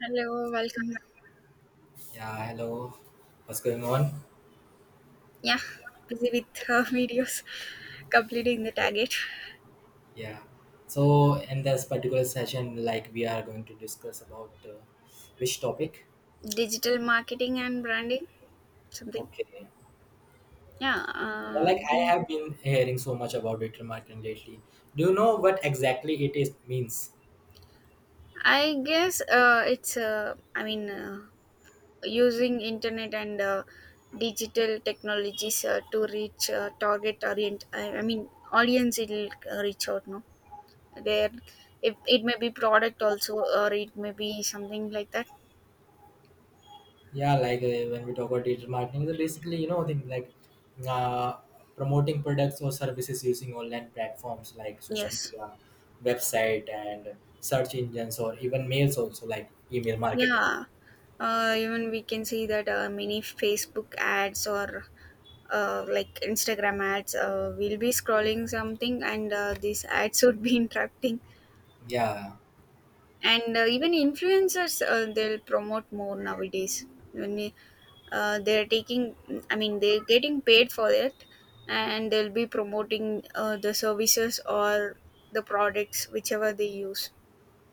Hello, welcome back. Yeah, hello. What's going on? Yeah, busy with videos, completing the target. Yeah. So in this particular session, like we are going to discuss about which topic? Digital marketing and branding, something. Okay. Yeah, Yeah, like I do have been hearing so much about digital marketing lately. Do you know what exactly it is means? I guess using internet and digital technologies to reach target orient. I mean, audience it'll reach out. No, there. If it may be product also, or it may be something like that. Yeah, like when we talk about digital marketing, it's basically thing like uh, promoting products or services using online platforms like social Yes. media, website, and search engines, or even mails also like email marketing. Yeah, even we can see that many Facebook ads or like Instagram ads will be scrolling something, and these ads would be interrupting. Yeah. And even influencers, they'll promote more nowadays. When they they're taking, I mean, they're getting paid for it, and they'll be promoting the services or the products, whichever they use.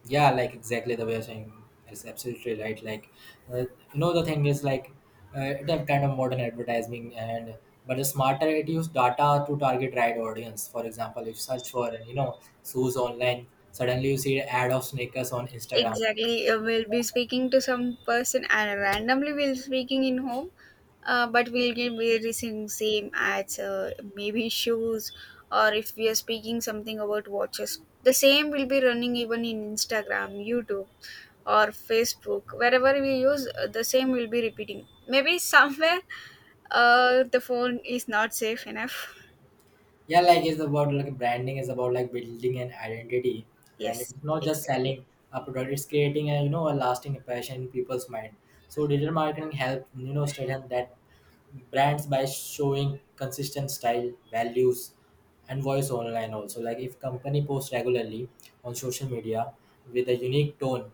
Yeah, like exactly the way you're saying is absolutely right. Like, uh, the thing is like that kind of modern advertising, and but the smarter it use data to target right audience. For example, if search for shoes online, suddenly you see an ad of sneakers on Instagram. Exactly, we'll be speaking to some person and randomly we'll speaking in home but we'll be we receiving same ads maybe shoes, or if we are speaking something about watches, the same will be running even in Instagram, YouTube or Facebook. Wherever we use, the same will be repeating. Maybe somewhere the phone is not safe enough. Yeah, like it's about like branding is about like building an identity, and Yes, it's not just exactly. selling a product; it's creating a a lasting impression in people's mind. So digital marketing help strengthen that brands by showing consistent style values and voice online also like if company posts regularly on social media with a unique tone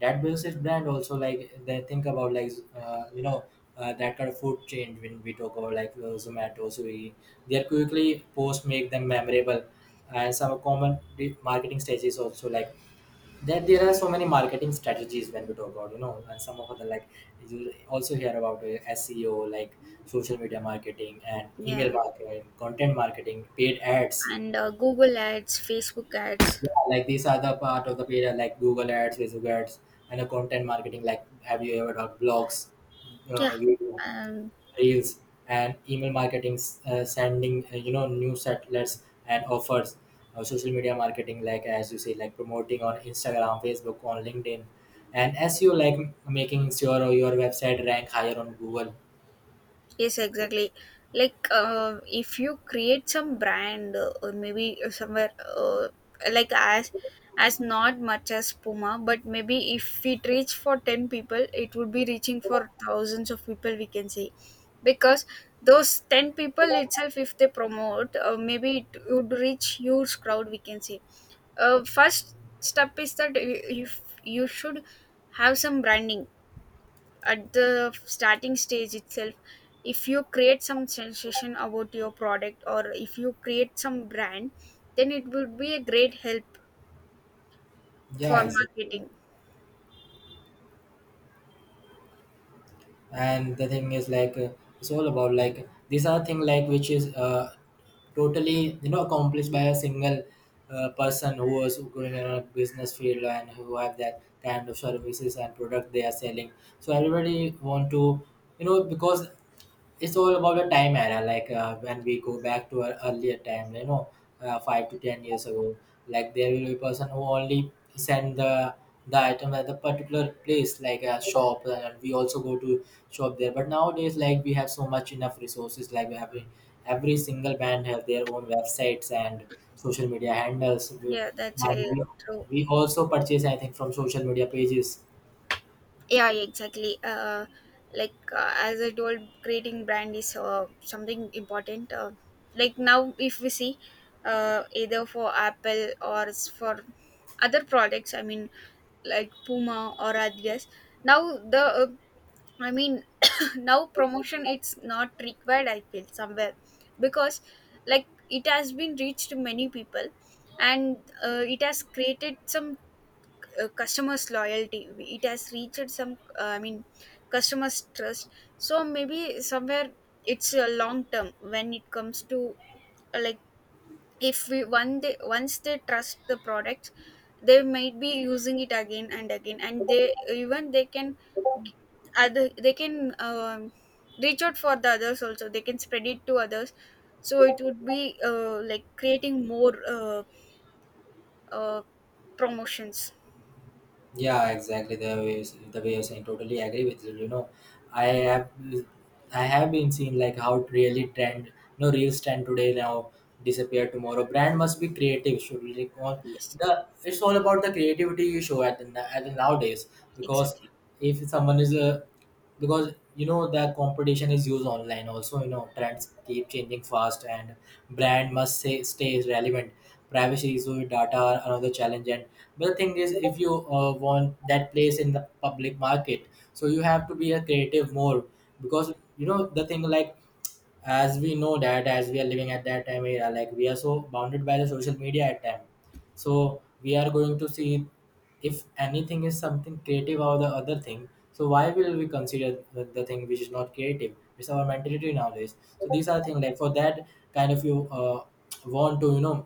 that builds its brand also like they think about like that kind of food chain when we talk about like Zomato Swiggy their quickly posts make them memorable, and some common marketing strategies also like that there are so many marketing strategies when we talk about, and some of the like you also hear about SEO, like social media marketing and email Yeah, marketing, content marketing, paid ads. and Google ads, Facebook ads. Yeah, like these are the part of the paid ad, like Google ads, Facebook ads, and the content marketing. Like, have you ever done blogs? Yeah. YouTube um reels and email marketing sending new outlets and offers, social media marketing like as you say, like promoting on Instagram Facebook on LinkedIn, and SEO like making sure your website rank higher on Google. Yes, exactly. Like, if you create some brand or maybe somewhere uh, like as not much as Puma, but maybe if it reach for ten people, it would be reaching for thousands of people, we can say. Because those ten people itself, if they promote, maybe it would reach huge crowd, we can say. First step is that you should have some branding at the starting stage itself. If you create some sensation about your product, or if you create some brand, then it would be a great help Yeah, for exactly. marketing. And the thing is like it's all about like these are thing like which is totally accomplished by a single person who was going in a business field and who have that kind of services and product they are selling, so everybody want to because it's all about the time era like when we go back to our earlier time, 5 to 10 years ago, like there will be a person who only send the item at the particular place like a shop, and we also go to shop there. But nowadays like we have so much enough resources, like we have every single brand have their own websites and social media handles we, Yeah, that's and we, true. we also purchase I think from social media pages. Yeah, exactly. Like, as I told, creating brand is something important. Like now if we see, either for Apple or for other products, I mean, like Puma or Adidas. Now the I mean, now promotion it's not required, I feel somewhere. Because like it has been reached many people, and it has created some customers loyalty. It has reached some. Customers trust. So maybe somewhere it's a long term when it comes to like if we one day once they trust the product, they might be using it again and again, and they even they can other they can reach out for the others also. They can spread it to others. So it would be like creating more uh, promotions. Yeah, exactly. The way you're saying, totally agree with you. I have been seeing like how it really trend. No reels trend today now disappear tomorrow. Brand must be creative. Should really go on Yes, the, it's all about the creativity you show at the nowadays, because exactly. if someone is a because the competition is used online also, trends keep changing fast, and brand must say, stay relevant. Privacy issues with data are another challenge, and but the thing is if you want that place in the public market, so you have to be a creative more because the thing like, as we know that as we are living at that time era like we are so bounded by the social media at time, so we are going to see if anything is something creative or the other thing, so why will we consider the thing which is not creative. It's our mentality nowadays, so these are things like for that kind of you want to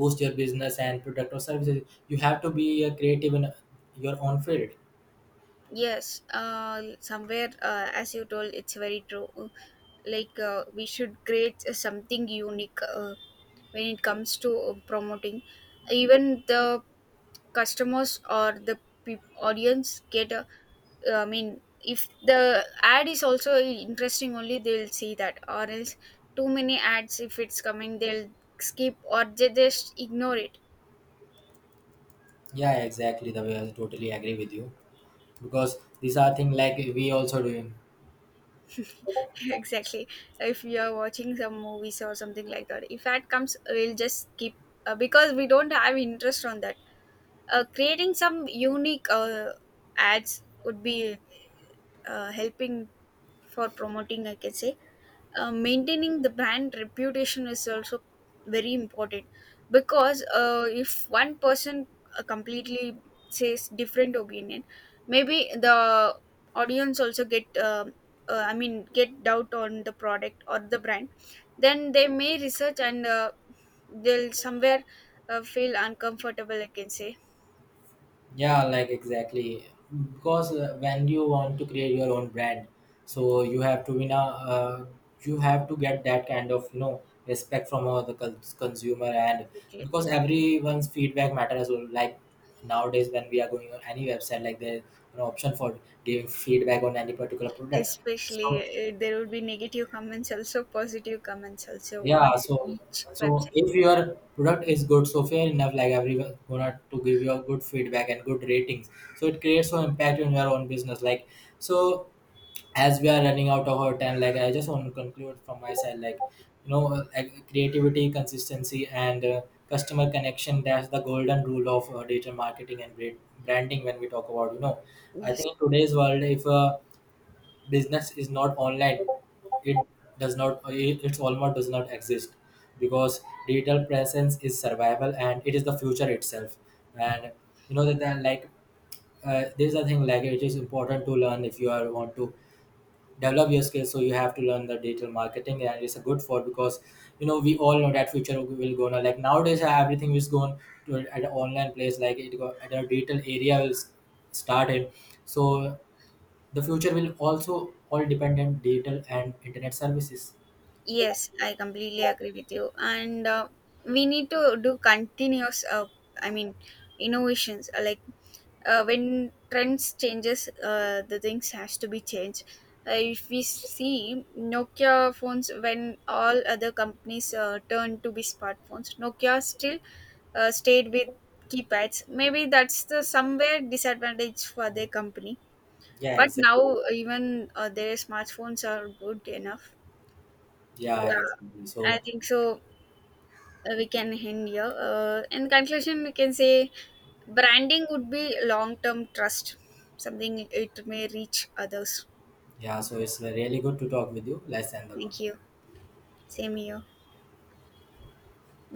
boost your business and product or services. You have to be a creative in your own field. Yes, somewhere, as you told, it's very true. Like, we should create something unique, when it comes to promoting. Even the customers or the peop audience get a I mean, if the ad is also interesting, only they'll see that, or else too many ads if it's coming they'll skip or they just ignore it. Yeah, exactly, the way I totally agree with you, because these are things like we also doing. Exactly, if you are watching some movies or something like that, if ad comes we'll just skip. Because we don't have interest on that. Creating some unique ads would be helping for promoting, I can say. Maintaining the brand reputation is also very important, because if one person completely says different opinion, maybe the audience also get get doubt on the product or the brand. Then they may research, and they'll somewhere feel uncomfortable, I can say. Yeah, like exactly. Because when you want to create your own brand, so you have to win you have to get that kind of respect from the consumer, and Okay. because everyone's feedback matters. Well. Like nowadays, when we are going on any website, like there's an option for giving feedback on any particular product. Especially So there would be negative comments also, positive comments also, on Yeah, so each so website. if your product is good, so fair enough, like everyone gonna to give you a good feedback and good ratings. So it creates some impact on your own business. Like, so as we are running out of our time, like I just want to conclude from my side, like like creativity, consistency, and customer connection. That's the golden rule of digital marketing and branding. When we talk about, I Yes. think in today's world, if business is not online, it does not it's almost does not exist, because digital presence is survival and it is the future itself. And that then like there's a thing like it is important to learn if you are want to develop your skills, so you have to learn the digital marketing, and it's a good for because we all know that future will go now, like nowadays everything is going to at an online place, like it go at a digital area will start in. So the future will also all depend on digital and internet services. Yes, I completely agree with you. And we need to do continuous, I mean, innovations. Like when trends changes, the things has to be changed. If we see Nokia phones, when all other companies turned to be smartphones, Nokia still stayed with keypads. Maybe that's the somewhere disadvantage for their company. Yeah, But exactly. now even their smartphones are good enough. Yeah, Yeah, exactly. I So think so. We can end here. In conclusion, we can say branding would be long term trust, something it may reach others. yeah, so it's really good to talk with you. Let's end the call. Thank you. Same here.